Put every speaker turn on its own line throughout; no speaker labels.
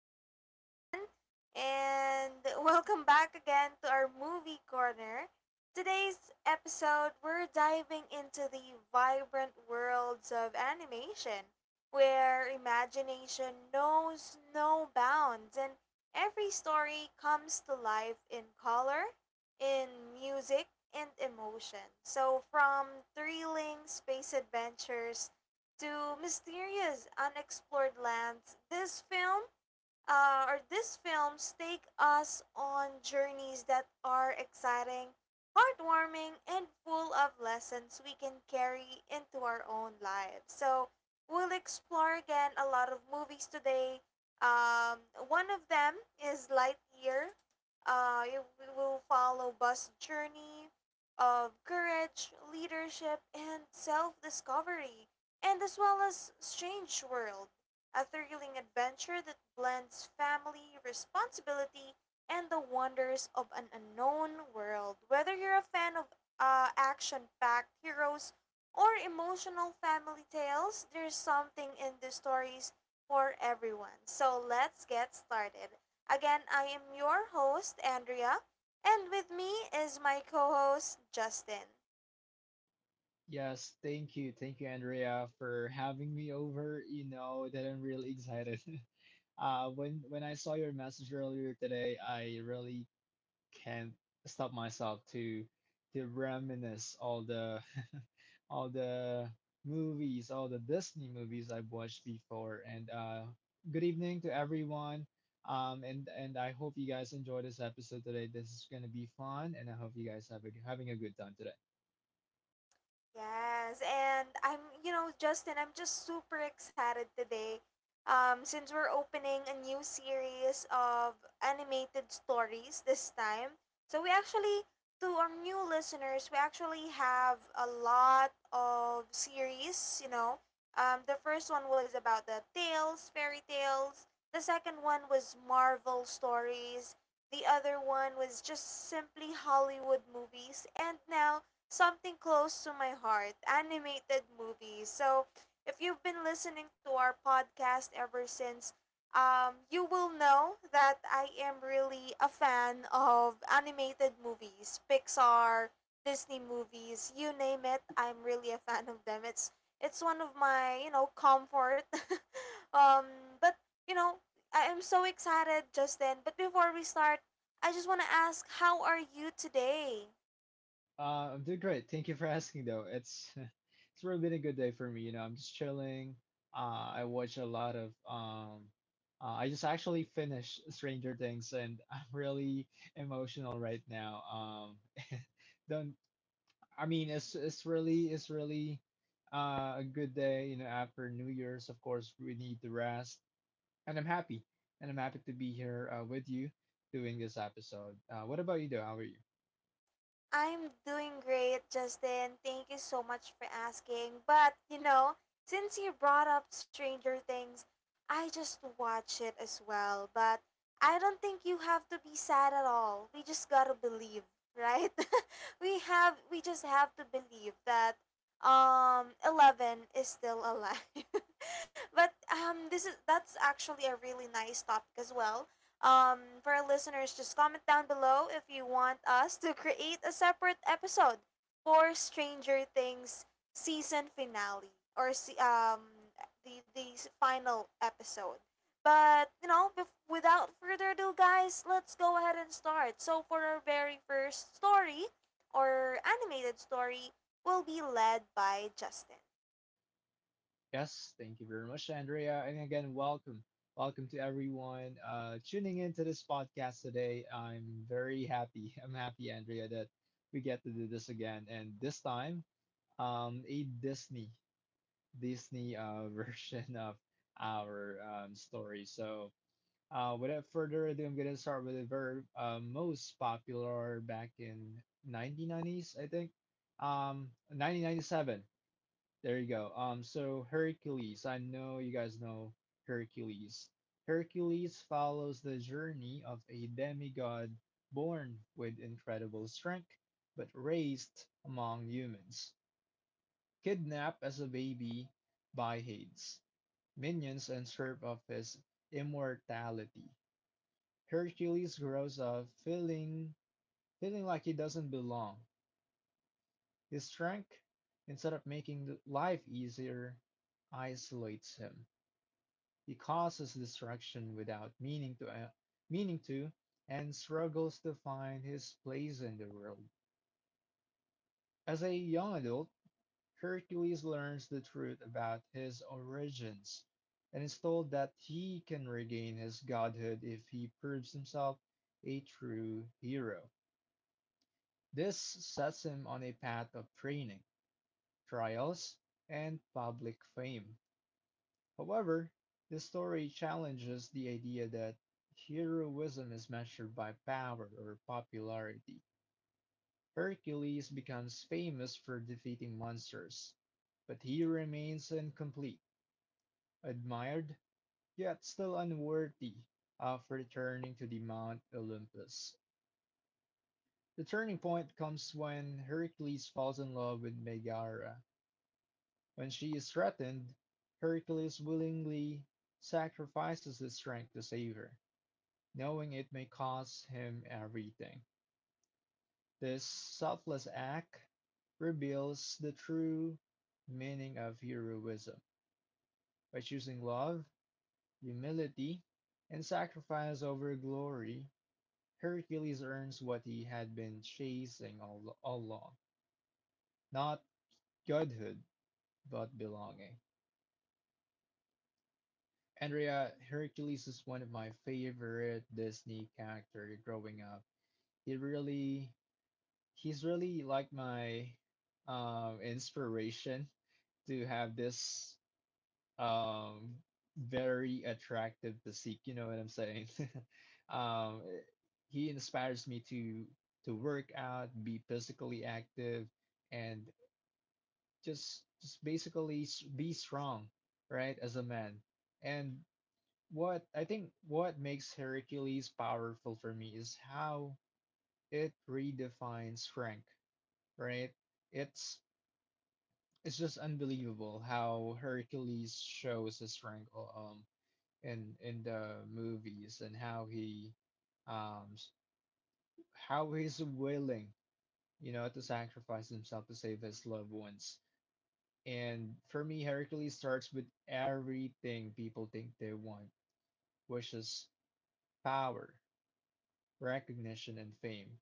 hello everyone, and welcome back again to our movie corner. Today's episode, we're diving into the vibrant worlds of animation, where imagination knows no bounds, and every story comes to life in color, in music, and emotion. So, from thrilling space adventures to mysterious unexplored lands, this film or these films take us on journeys that are exciting, heartwarming, and full of lessons we can carry into our own lives. So we'll explore again a lot of movies today. Um, One of them is Lightyear. We will follow Buzz' journey of courage, leadership, and self-discovery, and as well as Strange World, a thrilling adventure that blends family, responsibility, and the wonders of an unknown world. Whether you're a fan of action packed heroes or emotional family tales, there's something in the stories for everyone. So let's get started. Again, I am your host, Andrea, and with me is my co host, Justin.
Yes, thank you. Thank you, Andrea, for having me over. You know that I'm really excited. When I saw your message earlier today, I really can't stop myself to reminisce all the all the movies, all the Disney movies I've watched before. And Good evening to everyone. And I hope you guys enjoy this episode today. This is gonna be fun, and I hope you guys have a, having a good time today.
Yes, and Justin, I'm just super excited today. Since we're opening a new series of animated stories this time. So we actually, to our new listeners, we actually have a lot of series, you know. The first one was about the tales, fairy tales. The second one was Marvel stories. The other one was just simply Hollywood movies. And now something close to my heart, animated movies. So, if you've been listening to our podcast ever since, you will know that I am really a fan of animated movies, Pixar, Disney movies, you name it. I'm really a fan of them. It's one of my comfort. um, but you know I am so excited, Justin. But before we start, I just want to ask, how are you today?
I'm doing great. Thank you for asking, though. It's it's really been a good day for me. You know, I'm just chilling. I watch a lot of I just actually finished Stranger Things, and I'm really emotional right now. Don't I mean, it's really a good day. You know, after New Year's, of course, we need the rest, and I'm happy, and I'm happy to be here with you doing this episode. What about you, though? How are you?
I'm doing great, Justin. Thank you so much for asking. But, you know, since you brought up Stranger Things, I just watch it as well. But I don't think you have to be sad at all. We just gotta believe, right? We just have to believe that 11 is still alive. but this is that's actually a really nice topic as well. For our listeners, just comment down below if you want us to create a separate episode for Stranger Things season finale or the final episode. But without further ado, guys, let's go ahead and start. So for our very first story or animated story, will be led by Justin.
Yes, thank you very much, Andrea. And again, welcome. Welcome to everyone tuning into this podcast today. I'm very happy. I'm happy, Andrea, that we get to do this again. And this time, a Disney version of our story. So, without further ado, I'm going to start with the very most popular back in 1990s, I think. 1997. There you go. So Hercules, I know you guys know Hercules. Hercules follows the journey of a demigod born with incredible strength, but raised among humans, kidnapped as a baby by Hades, minions, and stripped of his immortality. Hercules grows up feeling like he doesn't belong. His strength, instead of making life easier, isolates him. He causes destruction without meaning to, and struggles to find his place in the world. As a young adult, Hercules learns the truth about his origins and is told that he can regain his godhood if he proves himself a true hero. This sets him on a path of training, trials, and public fame. However, this story challenges the idea that heroism is measured by power or popularity. Hercules becomes famous for defeating monsters, but he remains incomplete, admired, yet still unworthy of returning to the Mount Olympus. The turning point comes when Hercules falls in love with Megara. When she is threatened, Hercules willingly sacrifices his strength to save her, knowing it may cost him everything. This selfless act reveals the true meaning of heroism. By choosing love, humility, and sacrifice over glory, Hercules earns what he had been chasing all along, not godhood, but belonging. Andrea, Hercules is one of my favorite Disney characters growing up. He really he's really like my inspiration to have this um very attractive physique, you know what I'm saying? Um eh, he inspires me to work out, be physically active and just basically be strong, right, as a man. And what I think what makes Hercules powerful for me is how it redefines strength, right? It's It's just unbelievable how Hercules shows his strength in the movies and how um s- how he's willing, you know, to sacrifice himself to save his loved ones. And for me, Hercules starts with everything people think they want, which is power, recognition, and fame,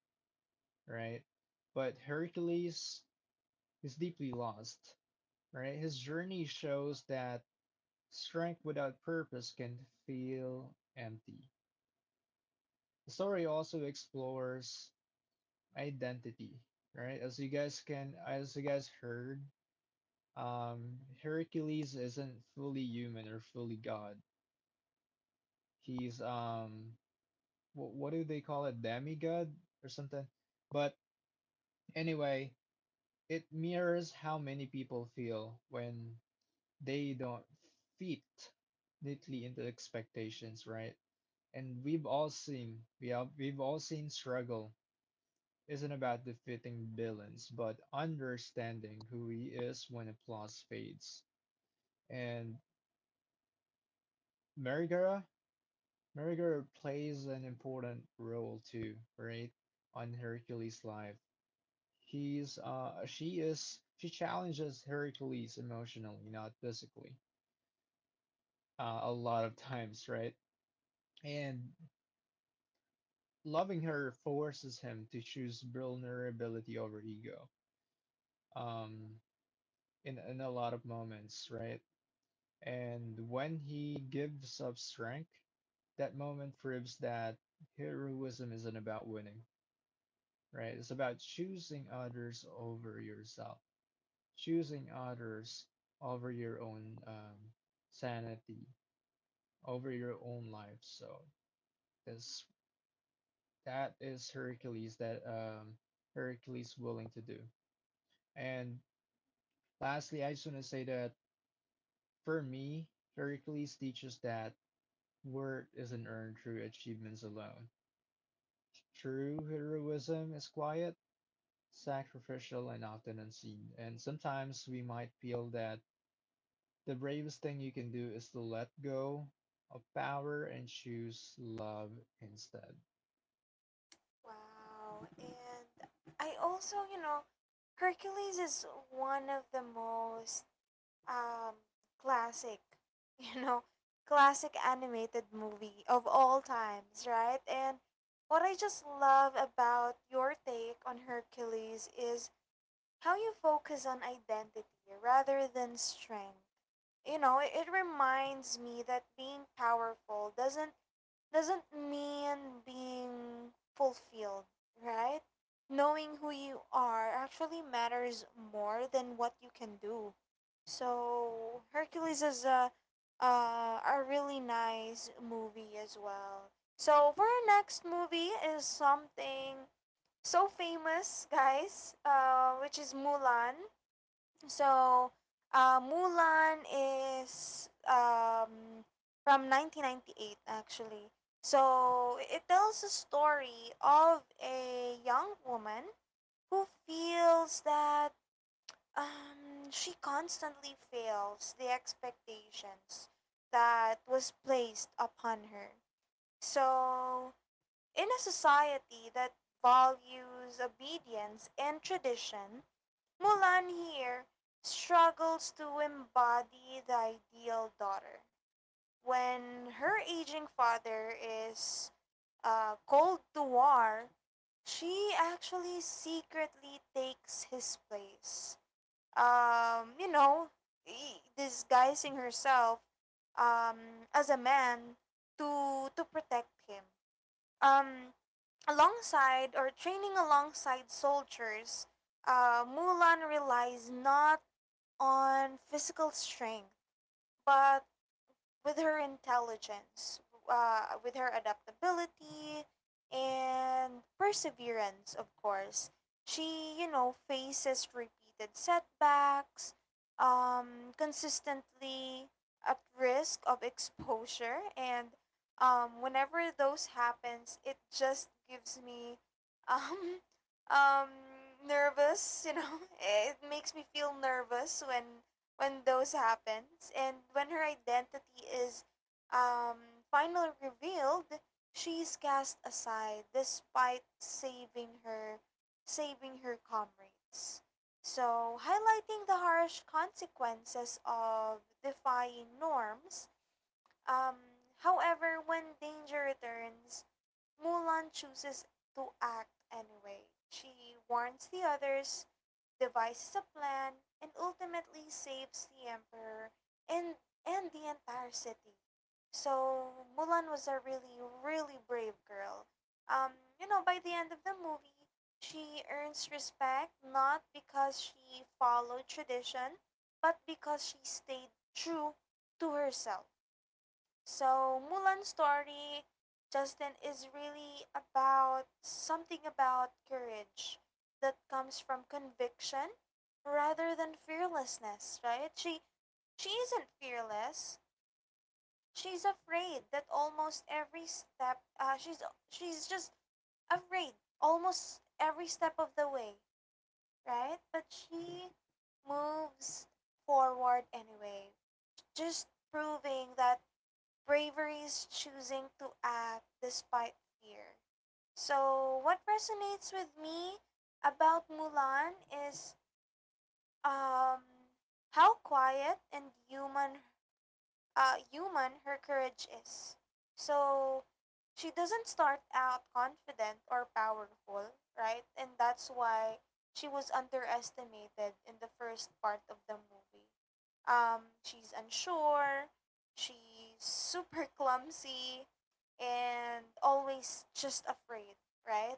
right? But Hercules is deeply lost, right? His journey shows that strength without purpose can feel empty. The story also explores identity, right? As you guys heard, Hercules isn't fully human or fully god. He's what do they call it, demigod or something? But anyway, it mirrors how many people feel when they don't fit neatly into expectations, right? And we've all seen we have, We've all seen struggle isn't about defeating villains, but understanding who he is when applause fades. And Merigara, Merigara plays an important role too, right? On Hercules' life, he's she is she challenges Hercules emotionally, not physically, a lot of times, right? And loving her forces him to choose vulnerability over ego. Um, in a lot of moments, right? And when he gives up strength, that moment proves that heroism isn't about winning, right? It's about choosing others over yourself, choosing others over your own sanity, over your own life. So this that is Hercules that Hercules willing to do. And lastly, I just want to say that for me, Hercules teaches that worth isn't earned through achievements alone. True heroism is quiet, sacrificial, and often unseen. And sometimes we might feel that the bravest thing you can do is to let go of power and choose love instead.
Wow. And I also, you know, Hercules is one of the most um, classic, you know, classic animated movie of all times, right? And what I just love about your take on Hercules is how you focus on identity rather than strength. You know, it reminds me that being powerful doesn't mean being fulfilled, right? Knowing who you are actually matters more than what you can do. So Hercules is a really nice movie as well. So for our next movie is something so famous, guys, which is Mulan. So, Mulan is from 1998, actually. So, it tells a story of a young woman who feels that she constantly fails the expectations that was placed upon her. So, in a society that values obedience and tradition, Mulan here struggles to embody the ideal daughter when her aging father is cold to war. She actually secretly takes his place. Um, you know, Disguising herself as a man to protect him. Um, alongside or training alongside soldiers, Mulan relies not on physical strength, but with her intelligence, with her adaptability and perseverance, of course. She, you know, faces repeated setbacks, consistently at risk of exposure, and whenever those happens, it just gives me, um, um, nervous. You know, it makes me feel nervous when those happens and when her identity is finally revealed, she's cast aside despite saving her comrades, so highlighting the harsh consequences of defying norms. Um, however, when danger returns, Mulan chooses to act anyway. She warns the others, devises a plan, and ultimately saves the emperor and the entire city. So Mulan was a really brave girl. Um, you know, by the end of the movie, she earns respect not because she followed tradition, but because she stayed true to herself. So Mulan's story, Justin, is really about something about courage that comes from conviction rather than fearlessness, right? She isn't fearless. She's afraid that almost every step uh, she's she's just afraid almost every step of the way, right? But she moves forward anyway, just proving that bravery is choosing to act despite fear. So, what resonates with me about Mulan is um, how quiet and human human her courage is. So she doesn't start out confident or powerful, right? And that's why she was underestimated in the first part of the movie. She's unsure, she's super clumsy, and always just afraid, right?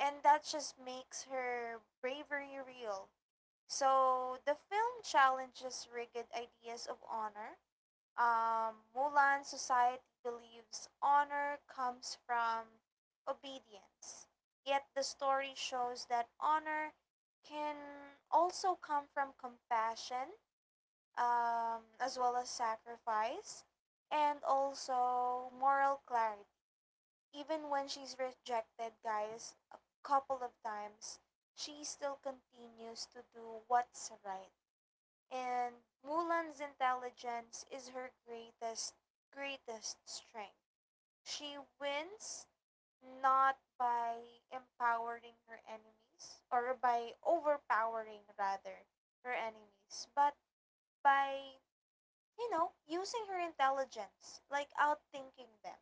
And that just makes her bravery real. So the film challenges rigid ideas of honor. Mulan society believes honor comes from obedience. Yet the story shows that honor can also come from compassion, as well as sacrifice, and also moral clarity. Even when she's rejected, guys, a couple of times, she still continues to do what's right, and Mulan's intelligence is her greatest strength. She wins not by empowering her enemies, or by overpowering rather her enemies, but by you know using her intelligence, like outthinking them.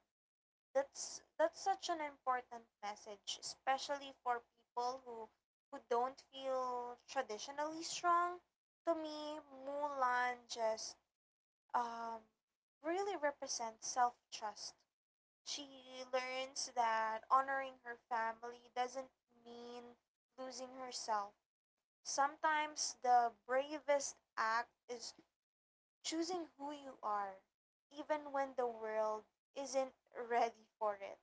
That's such an important message, especially for people who don't feel traditionally strong. To me, Mulan just um, really represents self trust. She learns that honoring her family doesn't mean losing herself. Sometimes the bravest act is choosing who you are, even when the world isn't ready for it.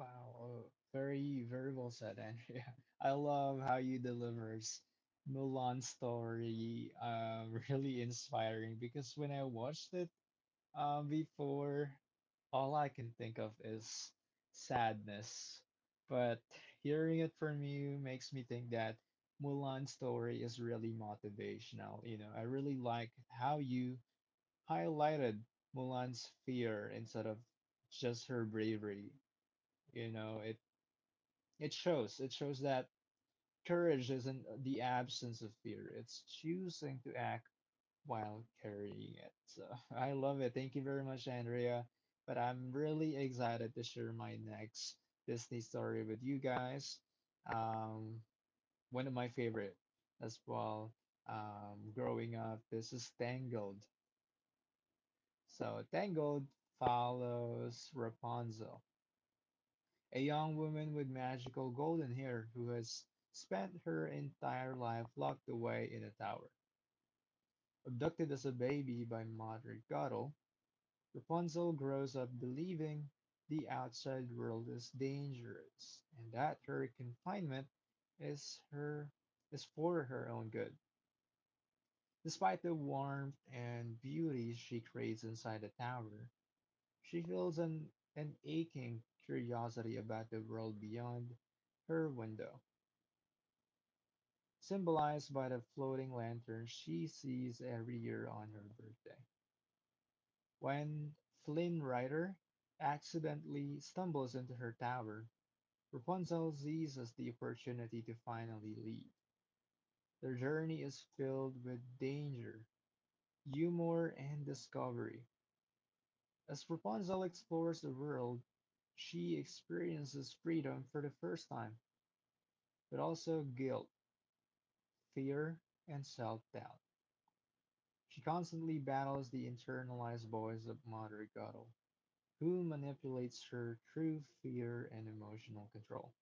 Wow, oh, very, very well said, Andrea. I love how you delivers Mulan's story. Really inspiring because when I watched it, before, all I can think of is sadness. But hearing it from you makes me think that Mulan's story is really motivational. You know, I really like how you highlighted Mulan's fear instead of just her bravery. You know, it shows that courage isn't the absence of fear. It's choosing to act while carrying it. So I love it. Thank you very much, Andrea. But I'm really excited to share my next Disney story with you guys. Um, One of my favorite as well. Growing up, this is Tangled. So Tangled follows Rapunzel, a young woman with magical golden hair who has spent her entire life locked away in a tower. Abducted as a baby by Mother Gothel, Rapunzel grows up believing the outside world is dangerous and that her confinement is her is for her own good. Despite the warmth and beauty she craves inside the tower, she feels an aching curiosity about the world beyond her window, symbolized by the floating lantern she sees every year on her birthday. When Flynn Rider accidentally stumbles into her tower, Rapunzel seizes the opportunity to finally leave. Their journey is filled with danger, humor, and discovery. As Rapunzel explores the world, she experiences freedom for the first time, but also guilt, fear, and self doubt. She constantly battles the internalized voice of Mother Guttle, who manipulates her through fear and emotional control.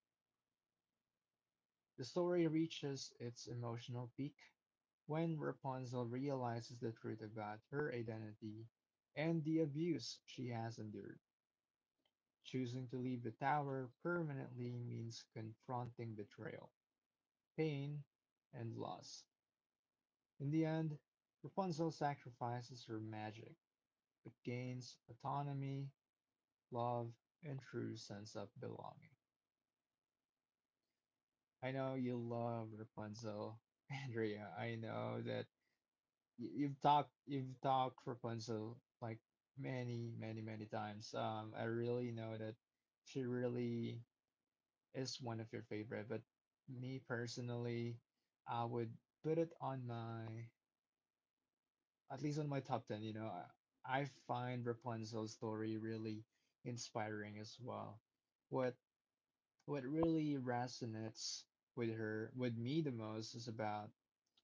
The story reaches its emotional peak when Rapunzel realizes the truth about her identity and the abuse she has endured. Choosing to leave the tower permanently means confronting betrayal, pain, and loss. In the end, Rapunzel sacrifices her magic but gains autonomy, love, and true sense of belonging. I know you love Rapunzel, Andrea. I know that you've talked Rapunzel like many times. I really know that she really is one of your favorite, but me personally, I would put it on my at least on my top ten. You know, I find Rapunzel's story really inspiring as well. What what really resonates with me the most is about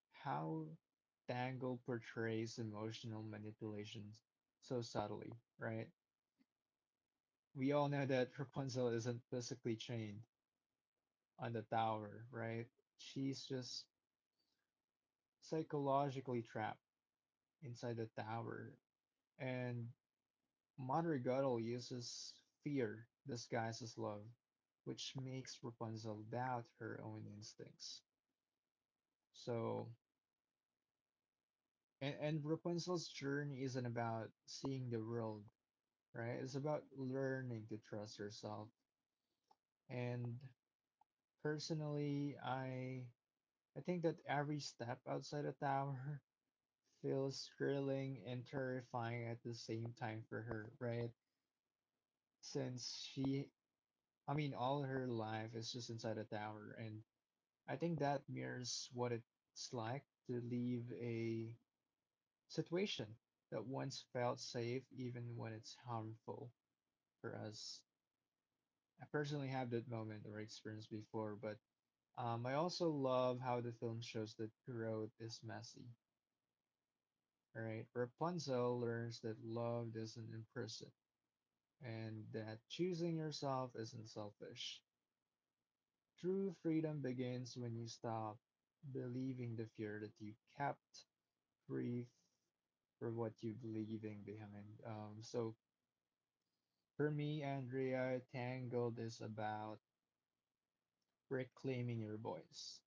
how Dangle portrays emotional manipulations so subtly, right? We all know that Rapunzel isn't physically chained on the tower, right? She's just psychologically trapped inside the tower. And Mother Guttle uses fear disguised as love, which makes Rapunzel doubt her own instincts. So, and Rapunzel's journey isn't about seeing the world right? It's about learning to trust yourself. And personally, I think that every step outside the tower feels thrilling and terrifying at the same time for her, right? Since she, I mean, all her life is just inside a tower, and I think that mirrors what it's like to leave a situation that once felt safe, even when it's harmful for us. I personally have that moment or experience before, but I also love how the film shows that growth is messy, right? Rapunzel learns that love doesn't imprison and that choosing yourself isn't selfish. True freedom begins when you stop believing the fear that you kept free for what you're leaving behind. So for me, Andrea, Tangled is about reclaiming your voice.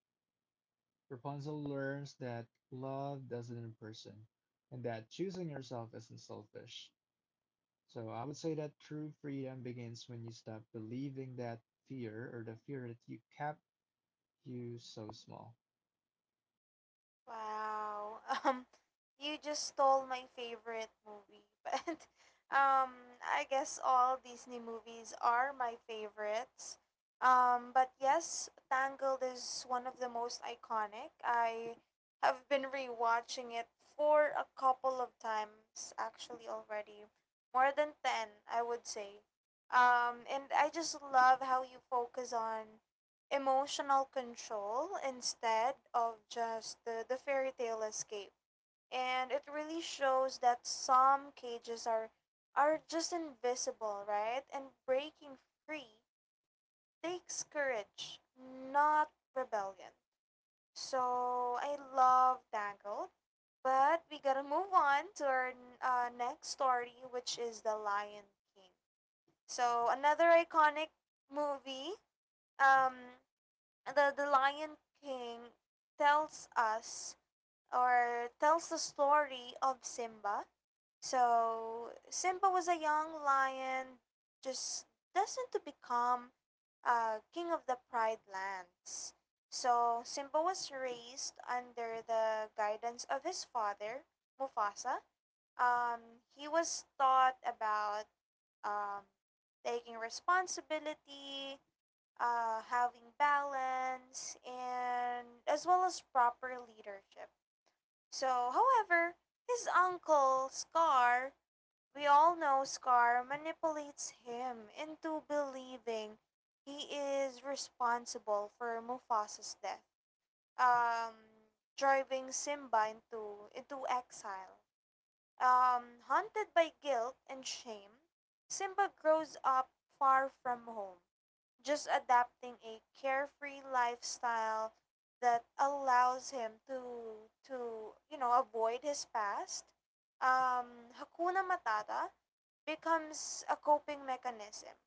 Rapunzel learns that love doesn't imprison and that choosing yourself isn't selfish. So I would say that true freedom begins when you stop believing that fear or the fear that you kept you so small.
Wow. You just stole my favorite movie. But I guess all Disney movies are my favorites. But yes, Tangled is one of the most iconic. I have been rewatching it for a couple of times actually already. More than 10, I would say. And I just love how you focus on emotional control instead of just the fairy tale escape. And it really shows that some cages are just invisible, right? And breaking free takes courage, not rebellion. So I love Tangled, but we gotta move on to our next story, which is The Lion King. So another iconic movie. Um the the Lion King tells us or tells the story of Simba. So Simba was a young lion, just destined to become king of the Pride Lands. So Simba was raised under the guidance of his father, Mufasa. He was taught about um, taking responsibility, having balance, and as well as proper leadership. So, however, his uncle, Scar, we all know Scar manipulates him into believing he is responsible for Mufasa's death, um, driving Simba into exile. Haunted by guilt and shame, Simba grows up far from home, just adapting a carefree lifestyle that allows him to you know avoid his past. Hakuna matata becomes a coping mechanism,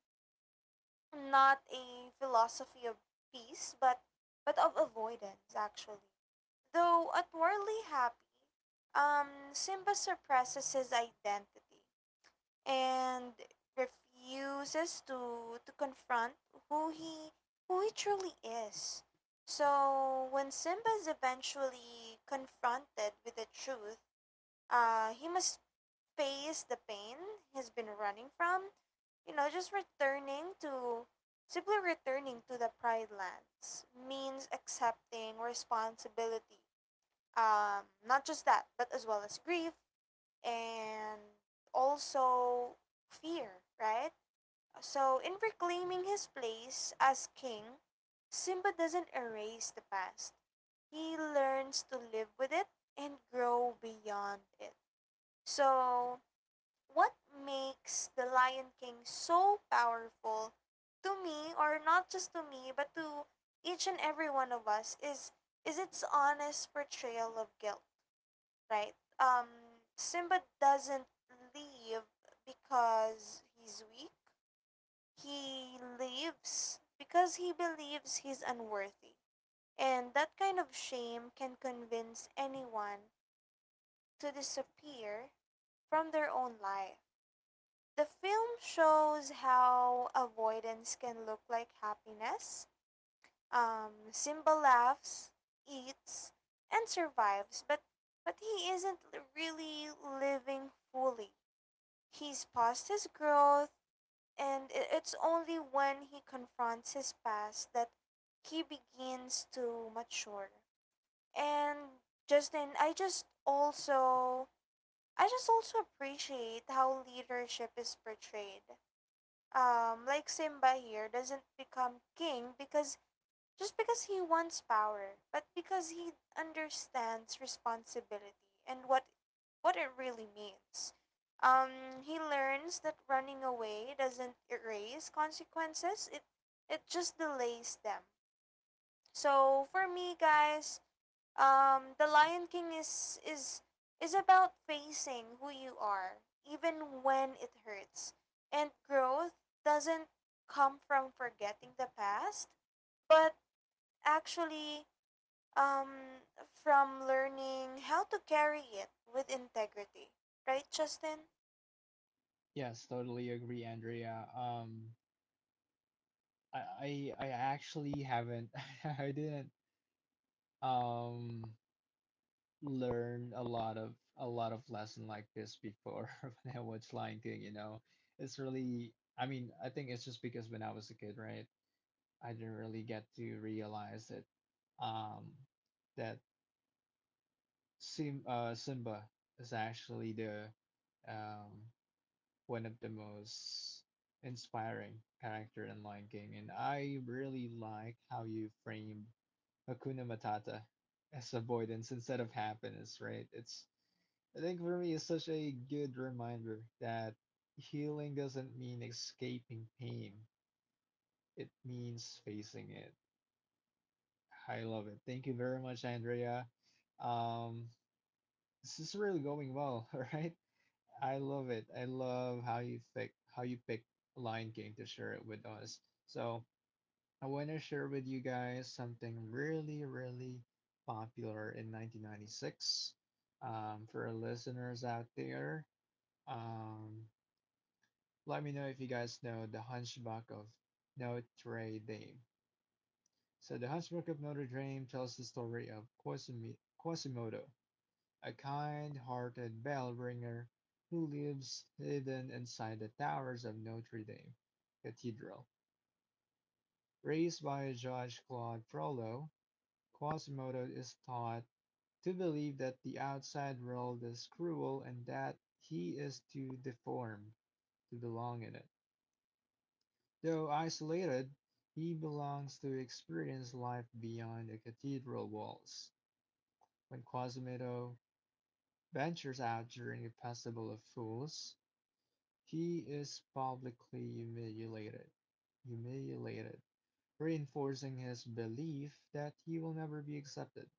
not a philosophy of peace, but of avoidance actually. Though outwardly happy, Simba suppresses his identity and refuses to confront who he who he truly is. So when Simba is eventually confronted with the truth, he must face the pain he's been running from. You know, just returning to simply returning to the Pride Lands means accepting responsibility. Not just that, but as well as grief, and also fear, right? So, in reclaiming his place as king, Simba doesn't erase the past. He learns to live with it and grow beyond it. So, what makes The Lion King so powerful to me, or not just to me, but to each and every one of us, is its honest portrayal of guilt. Right. Simba doesn't leave because he's weak. He leaves because he believes he's unworthy. And that kind of shame can convince anyone to disappear from their own life. The film shows how avoidance can look like happiness. Simba laughs, eats, and survives, but he isn't really living fully. He's past his growth, and it's only when he confronts his past that he begins to mature. And Justin, I just also appreciate how leadership is portrayed. Like Simba here doesn't become king because just because he wants power, but because he understands responsibility and what it really means. He learns that running away doesn't erase consequences. It just delays them. So for me, guys, The Lion King is about facing who you are, even when it hurts. And growth doesn't come from forgetting the past, but actually um, from learning how to carry it with integrity. Right, Justin?
Yes, totally agree, Andrea. I actually haven't I didn't um learn a lot of lesson like this before when I was Lion King, you know. It's really I mean, I think it's just because when I was a kid, right? I didn't really get to realize that um, that Simba is actually the um, one of the most inspiring character in Lion King, and I really like how you frame Hakuna Matata as avoidance instead of happiness. Right? It's I think for me it's such a good reminder that healing doesn't mean escaping pain; it means facing it. I love it. Thank you very much, Andrea. Um, this is really going well, all right? I love it. I love how you pick Lion King to share it with us. So I want to share with you guys something really, really popular in 1996. For our listeners out there, um, let me know if you guys know The Hunchback of Notre Dame. So The Hunchback of Notre Dame tells the story of Quasimodo, a kind-hearted bell ringer who lives hidden inside the towers of Notre Dame Cathedral. Raised by Judge Claude Frollo, Quasimodo is taught to believe that the outside world is cruel and that he is too deformed to belong in it. Though isolated, he belongs to experience life beyond the cathedral walls. When Quasimodo ventures out during the Festival of Fools, he is publicly humiliated, reinforcing his belief that he will never be accepted.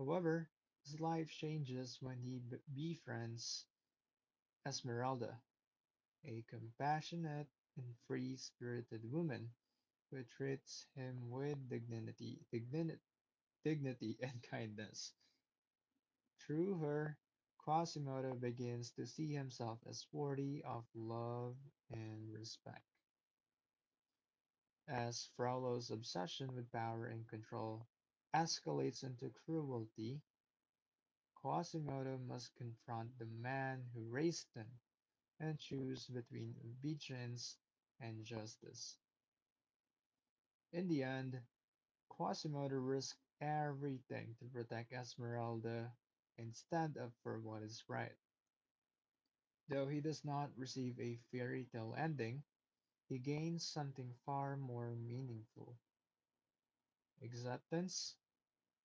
However, his life changes when he befriends Esmeralda, a compassionate and free-spirited woman who treats him with dignity and kindness. Through her, Quasimodo begins to see himself as worthy of love and respect. As Frollo's obsession with power and control escalates into cruelty, Quasimodo must confront the man who raised him and choose between obedience and justice. In the end, Quasimodo risks everything to protect Esmeralda and stand up for what is right. Though he does not receive a fairy tale ending, he gains something far more meaningful: acceptance,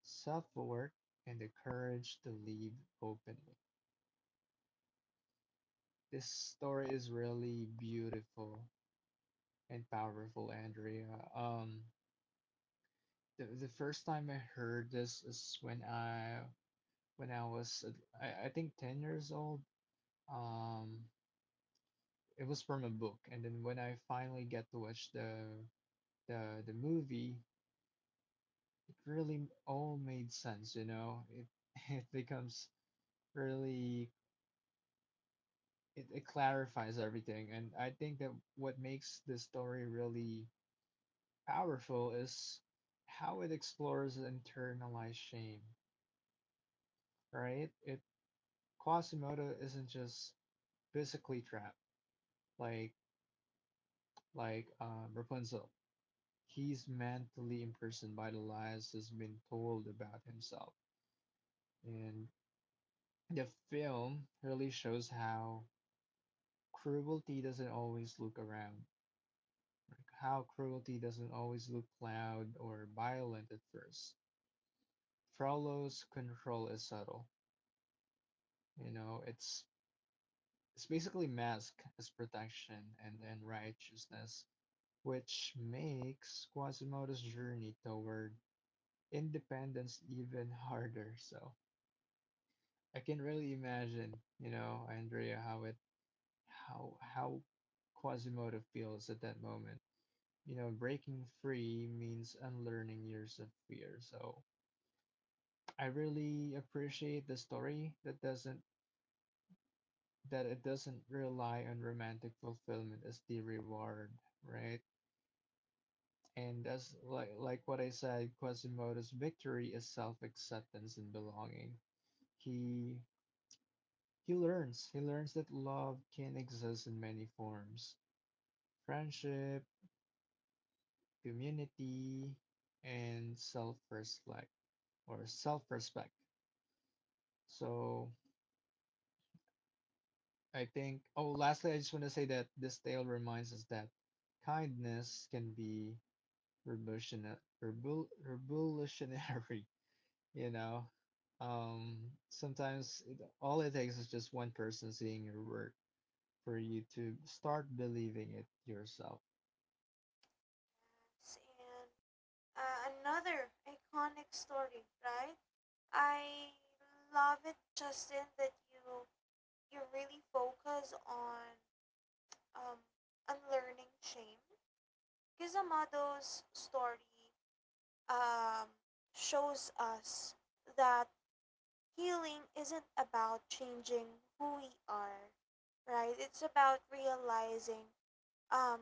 self-aware, and the courage to live openly. This story is really beautiful and powerful, Andrea. The first time I heard this is when I was I think 10 years old. Um, it was from a book, and then when I finally get to watch the movie, it really all made sense, It it becomes really, it clarifies everything. And I think that what makes this story really powerful is how it explores internalized shame, right? it Quasimodo isn't just physically trapped, like Rapunzel. He's mentally imprisoned by the lies that's been told about himself, and the film really shows how cruelty doesn't always look around how cruelty doesn't always look loud or violent at first. Frollo's control is subtle. You know, it's basically masked as protection and righteousness, which makes Quasimodo's journey toward independence even harder. So I can really imagine, you know, Andrea, how it how Quasimodo feels at that moment. You know, breaking free means unlearning years of fear. So I really appreciate the story that doesn't that it doesn't rely on romantic fulfillment as the reward, right? And as like what I said, Quasimodo's victory is self-acceptance and belonging. He he learns that love can exist in many forms. Friendship, community, and self-respect. So I think, oh, lastly, I just want to say that this tale reminds us that kindness can be revolutionary, you know. Sometimes all it takes is just one person seeing your work for you to start believing it yourself.
Yes, and another iconic story, right? I love it, Justin, that you really focus on um unlearning shame. Because story um shows us that healing isn't about changing who we are, right? It's about realizing um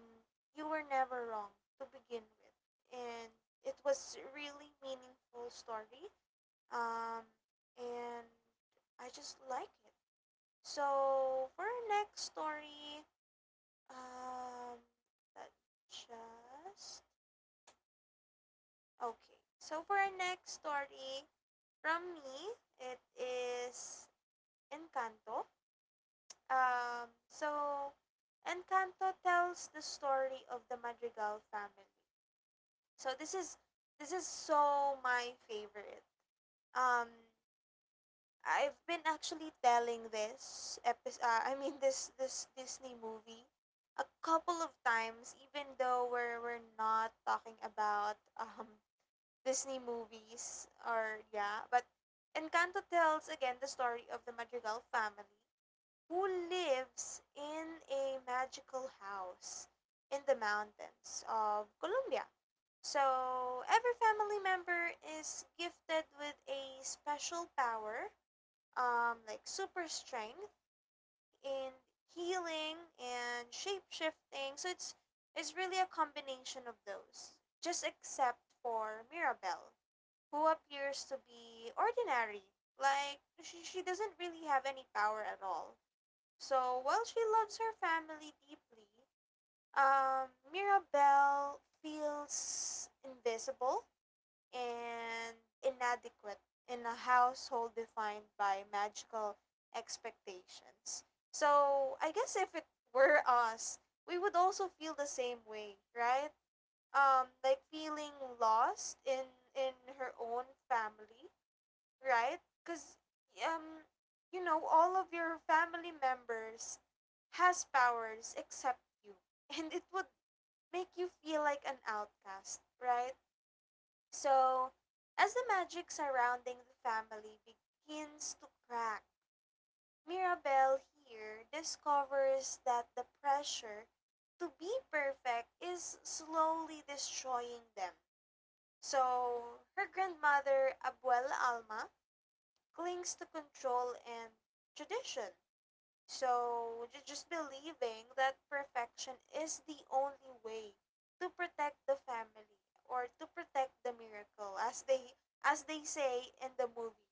you were never wrong to begin with. And it was really meaningful story. Um and I just like it. So for our next story, um let just okay. So for our next story from me, it is Encanto. Um, so, Encanto tells the story of the Madrigal family. So this is so my favorite. Um, I've been actually telling this episode. I mean this Disney movie a couple of times, even though we're not talking about Disney movies or yeah, but Encanto tells again the story of the Madrigal family who lives in a magical house in the mountains of Colombia. So every family member is gifted with a special power, like super strength in healing and shape shifting. So, it's really a combination of those, just except for Mirabelle, who appears to be ordinary. Like, she doesn't really have any power at all, so while she loves her family deeply, Mirabelle feels invisible and inadequate in a household defined by magical expectations. So I guess if it were us, we would also feel the same way, right? Like feeling lost in her own family, right? Because um, you know, all of your family members has powers except you, and it would make you feel like an outcast, right? So, as the magic surrounding the family begins to crack, Mirabelle here discovers that the pressure to be perfect is slowly destroying them. So, her grandmother, Abuela Alma, clings to control and tradition. So, just believing that perfection is the only way to protect the family or to protect the miracle, as they say in the movie,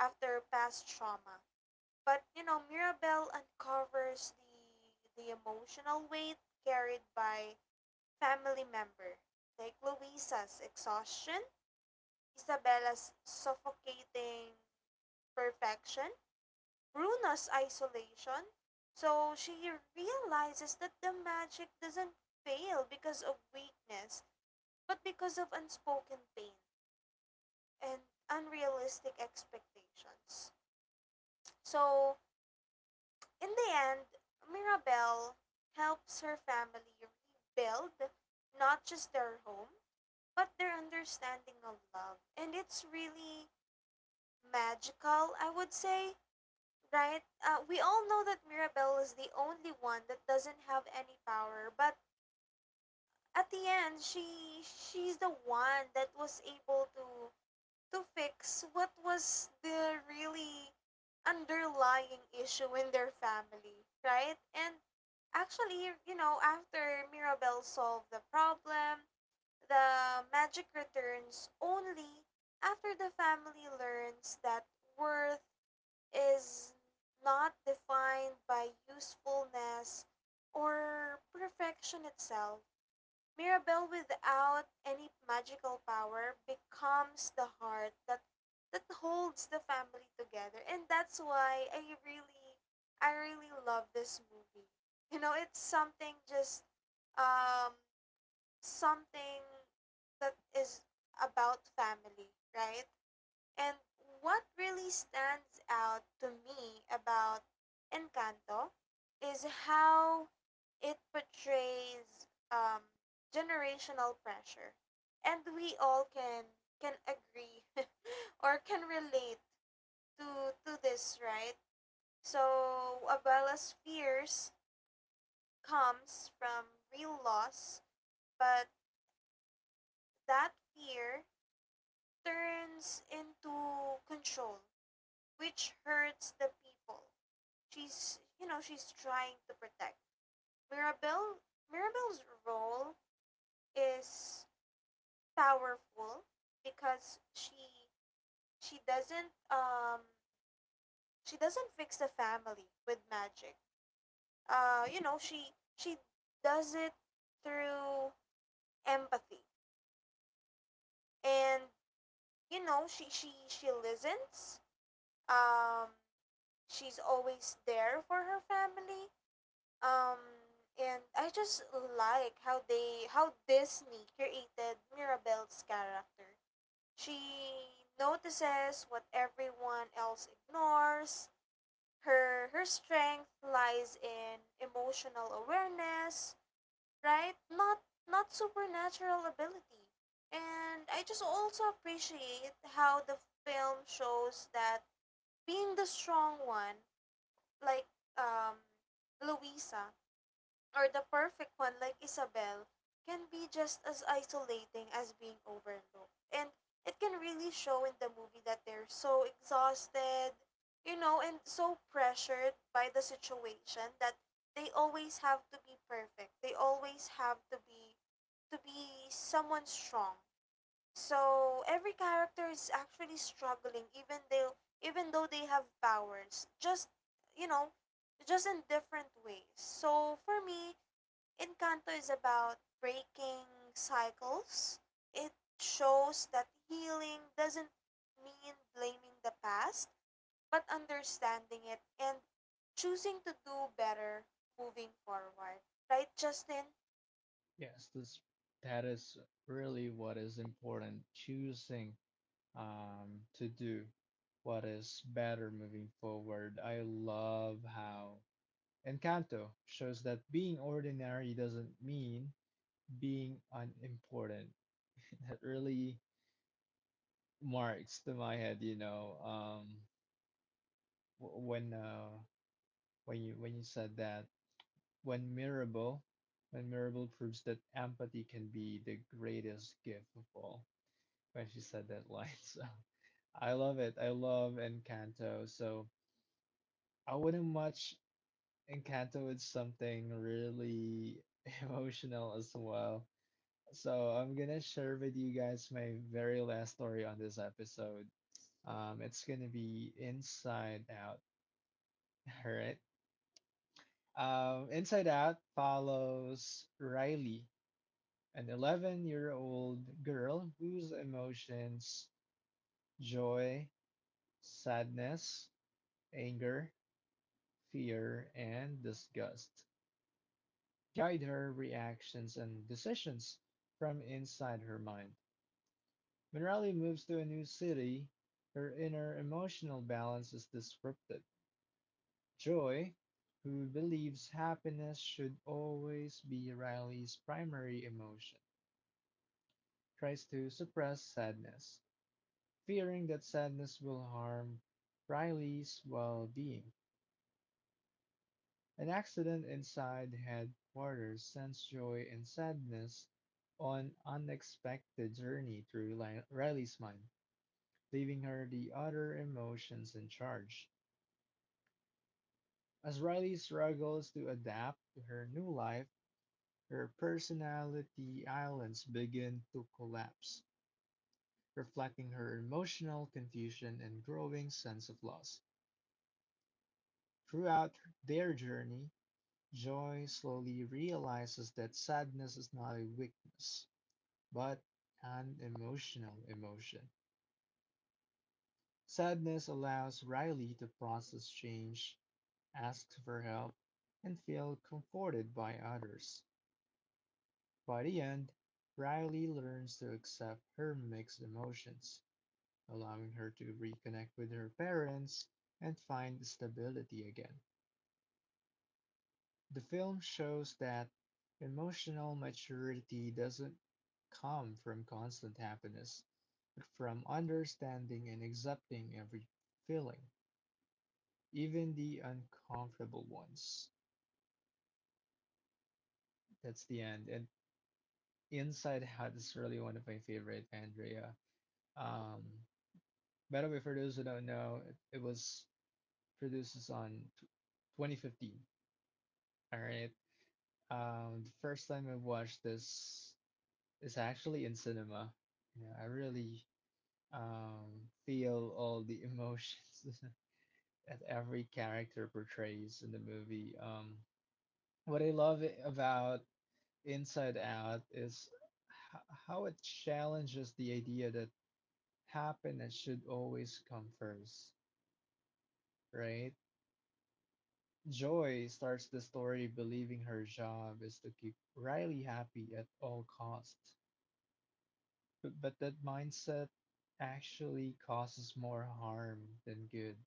after past trauma. But, you know, Mirabelle uncovers the emotional weight carried by family member like Luisa's exhaustion, Isabella's suffocating perfection, Bruno's isolation. So she realizes that the magic doesn't fail because of weakness, but because of unspoken pain and unrealistic expectations. So, in the end, Mirabelle helps her family rebuild not just their home, but their understanding of love. And it's really magical, I would say. Right? We all know that Mirabelle is the only one that doesn't have any power, but at the end, she's the one that was able to fix what was the really underlying issue in their family, right? And actually, you know, after Mirabelle solved the problem, the magic returns only after the family learns that worth is not defined by usefulness or perfection itself. Mirabelle, without any magical power, becomes the heart that holds the family together. And that's why I really love this movie. You know, it's something just um something that is about family, right? And what really stands out to me about Encanto is how it portrays generational pressure. And we all can agree or can relate to this, right? So Abella's fears comes from real loss, but that fear turns into control, which hurts the people she's you know, she's trying to protect Mirabelle. Mirabelle's role is powerful because she doesn't fix the family with magic. You know she does it through empathy and, you know, she listens. Um, she's always there for her family. Um, and I just like how Disney created Mirabelle's character. She notices what everyone else ignores. Her strength lies in emotional awareness, right? Not supernatural ability. And I just also appreciate how the film shows that being the strong one, like um Louisa, or the perfect one like Isabel, can be just as isolating as being overlooked. And it can really show in the movie that they're so exhausted, you know, and so pressured by the situation that they always have to be perfect. They always have to be someone strong. So every character is actually struggling, even though they have powers. Just you know, just in different ways. So for me, Encanto is about breaking cycles. It shows that healing doesn't mean blaming the past, but understanding it and choosing to do better moving forward. Right, Justin?
Yes, this that is really what is important, choosing to do what is better moving forward. I love how Encanto shows that being ordinary doesn't mean being unimportant. That really marks to my head, you know, w- when uh, when you said that when Mirable proves that empathy can be the greatest gift of all. When she said that line, so I love it. I love Encanto. So I wouldn't much Encanto with something really emotional as well. So I'm gonna share with you guys my very last story on this episode. It's gonna be Inside Out. All right. Inside Out follows Riley, an 11-year-old girl whose emotions, joy, sadness, anger, fear, and disgust guide her reactions and decisions from inside her mind. When Riley moves to a new city, her inner emotional balance is disrupted. Joy, who believes happiness should always be Riley's primary emotion, tries to suppress sadness, fearing that sadness will harm Riley's well being. An accident inside headquarters sends Joy and sadness on an unexpected journey through Riley's mind, leaving her the other emotions in charge. As Riley struggles to adapt to her new life, her personality islands begin to collapse, reflecting her emotional confusion and growing sense of loss. Throughout their journey, Joy slowly realizes that sadness is not a weakness, but an emotional emotion. Sadness allows Riley to process change, ask for help, and feel comforted by others. By the end, Riley learns to accept her mixed emotions, allowing her to reconnect with her parents and find stability again. The film shows that emotional maturity doesn't come from constant happiness, but from understanding and accepting every feeling, even the uncomfortable ones. That's the end. And Inside Out is really one of my favorite, Andrea. Um, By the way, for those who don't know, it was produced on tw 2015. All right. The first time I watched this is actually in cinema. You know, I really feel all the emotions that every character portrays in the movie. What I love about Inside Out is how it challenges the idea that happiness should always come first, right? Joy starts the story believing her job is to keep Riley happy at all costs. But that mindset actually causes more harm than good,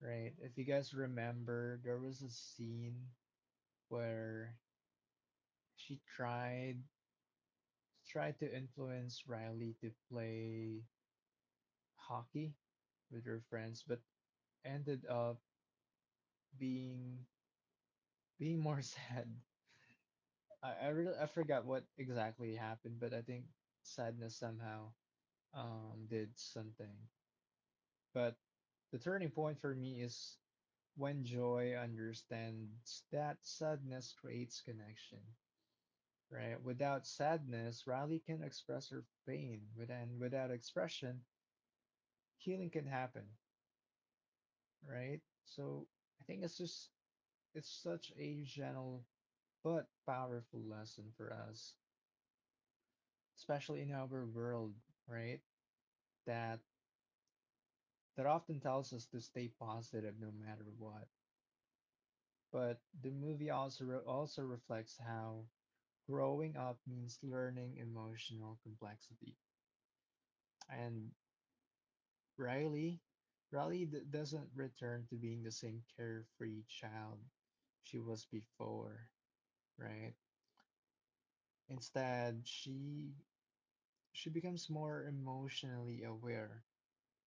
right? If you guys remember, there was a scene where she tried to influence Riley to play hockey with her friends, but ended up being being more sad. Really, I forgot what exactly happened, but I think sadness somehow did something. But the turning point for me is when joy understands that sadness creates connection, right? Without sadness, Riley can express her pain. With and without expression, healing can happen, right? So I think it's just it's such a gentle but powerful lesson for us, especially in our world, right? That that often tells us to stay positive no matter what. But the movie also reflects how growing up means learning emotional complexity. And Riley, Riley doesn't return to being the same carefree child she was before, right? Instead, she becomes more emotionally aware,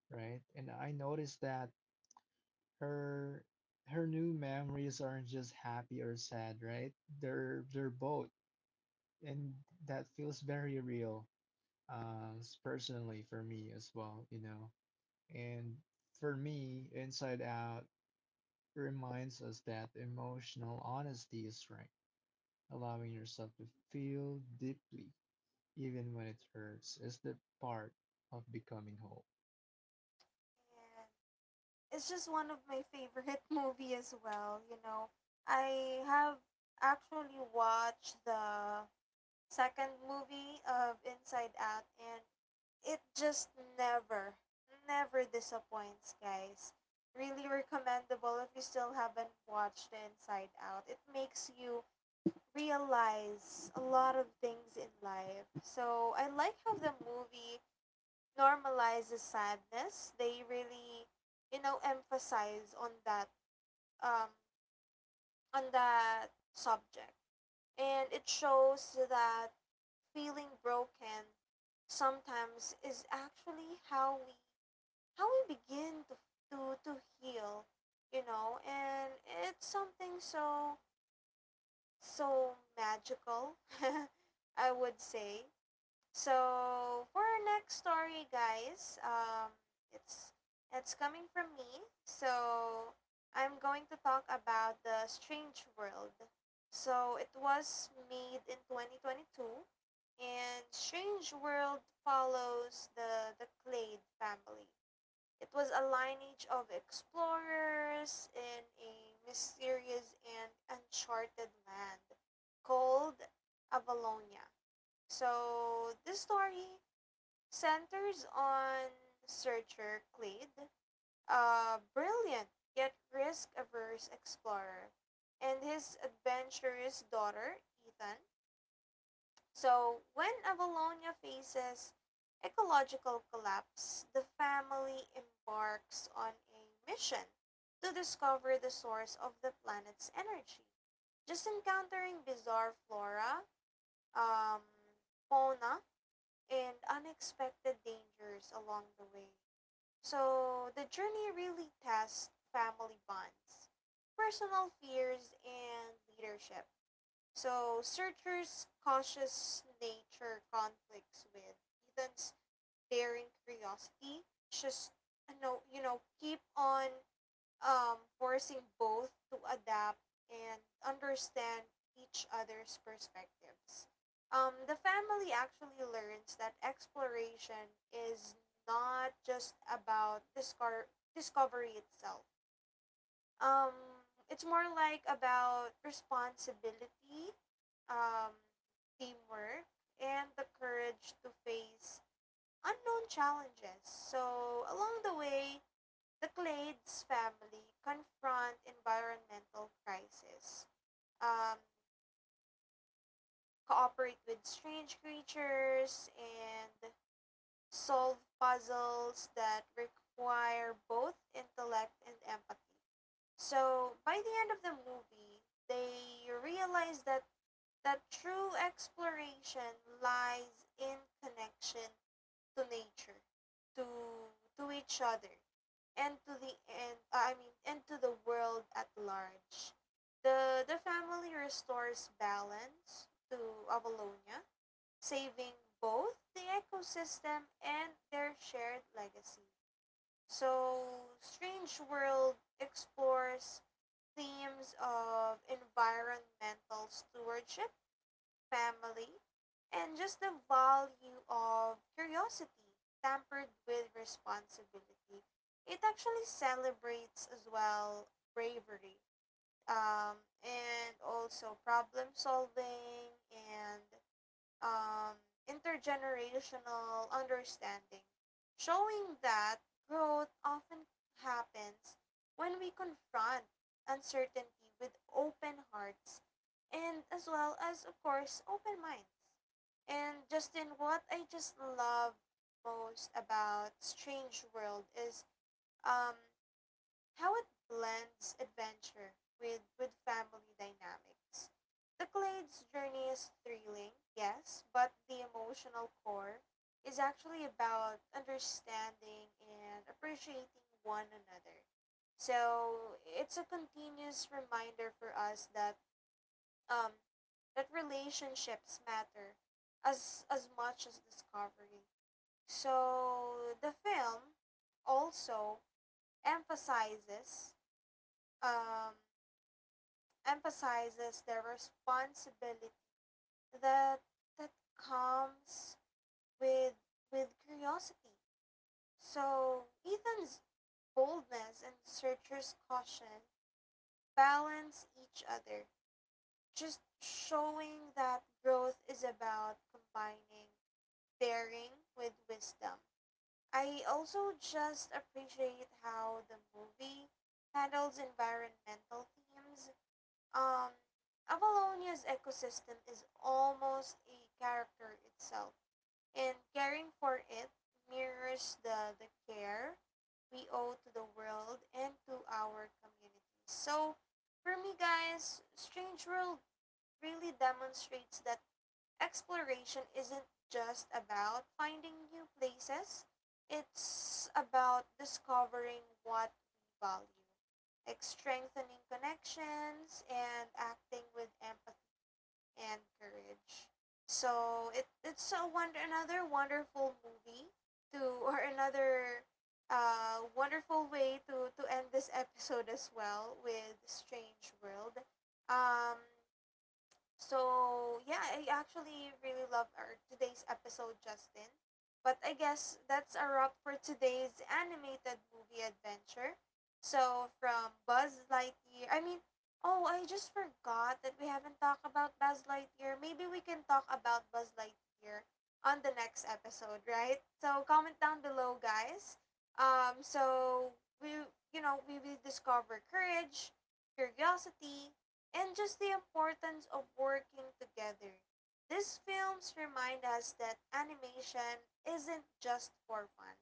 right? And I noticed that her new memories aren't just happy or sad, right? They're both, and that feels very real, personally for me as well, you know. And for me, Inside Out reminds us that emotional honesty is strength. Allowing yourself to feel deeply, even when it hurts, is the part of becoming whole.
And it's just one of my favorite movie as well, you know. I have actually watched the second movie of Inside Out and it just never never disappoints, guys. Really recommendable if you still haven't watched the Inside Out. It makes you realize a lot of things in life. So, I like how the movie normalizes sadness. They really, you know, emphasize on that um on that subject. And it shows that feeling broken sometimes is actually how we begin to heal, you know, and it's something so so magical I would say. So for our next story, guys, it's it's coming from me. So I'm going to talk about the Strange World. So it was made in 2022, and Strange World follows the Clade family. It was a lineage of explorers in a mysterious and uncharted land called Avalonia. So this story centers on Searcher Clade, a brilliant yet risk-averse explorer, and his adventurous daughter Ethan. So when Avalonia faces ecological collapse, the family embarks on a mission to discover the source of the planet's energy. Just encountering bizarre flora, um, fauna, and unexpected dangers along the way. So the journey really tests family bonds, personal fears, and leadership. So Searcher's cautious nature conflicts with Ethan's daring curiosity. Just no, you know, keep on forcing both to adapt and understand each other's perspectives. The family actually learns that exploration is not just about discar discovery itself. Um, it's more like about responsibility, um, teamwork, and the courage to face unknown challenges. So, along the way, the Clades family confront environmental crisis, um, cooperate with strange creatures, and solve puzzles that require both intellect and empathy. So by the end of the movie, they realize that true exploration lies in connection to nature, to to each other, and to the end I mean, and to the world at large. The family restores balance to Avalonia, saving both the ecosystem and their shared legacy. So Strange World explores themes of environmental stewardship, family, and just the value of curiosity tampered with responsibility. It actually celebrates as well bravery, and also problem solving and, um, intergenerational understanding, showing that growth often happens when we confront uncertainty with open hearts and, as well, as, of course, open minds. And Justin, what I just love most about Strange World is, um, how it blends adventure with family dynamics. The Clade's journey is thrilling, yes, but the emotional core is actually about understanding and appreciating one another. So it's a continuous reminder for us um that relationships matter as much as discovery. So the film also emphasizes um, emphasizes the responsibility that that comes with with curiosity. So Ethan's boldness and Searcher's caution balance each other, just showing that growth is about combining daring with wisdom. I also just appreciate how the movie handles environmental themes. Um, Avalonia's ecosystem is almost a character itself, and caring for it mirrors the care we owe to the world and to our communities. So, for me, guys, Strange World really demonstrates that exploration isn't just about finding new places, it's about discovering what we value, like strengthening connections and acting with empathy and courage. So it's a wonderful movie to or another wonderful way to end this episode as well with Strange World. Um, so yeah, I actually really love our today's episode, Justin. But I guess that's a wrap for today's animated movie adventure. So from Buzz Lightyear, I mean, oh, I just forgot that we haven't talked about Buzz Lightyear. Maybe we can talk about Buzz Lightyear on the next episode, right? So comment down below, guys. Um, so we, you know, we will discover courage, curiosity, and just the importance of working together. These films remind us that animation isn't just for fun.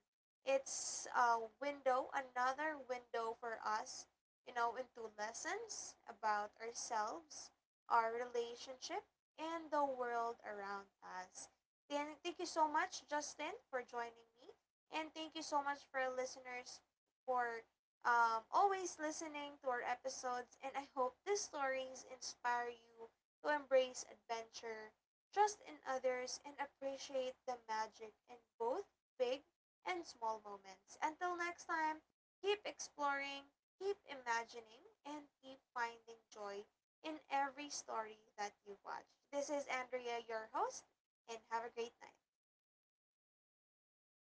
It's a window, another window for us, you know, into lessons about ourselves, our relationship, and the world around us. Then thank you so much, Justin, for joining me. And thank you so much for listeners for, always listening to our episodes, and I hope these stories inspire you to embrace adventure, trust in others, and appreciate the magic in both big and small moments. Until next time, keep exploring, keep imagining, and keep finding joy in every story that you watch. This is Andrea, your host, and have a great night.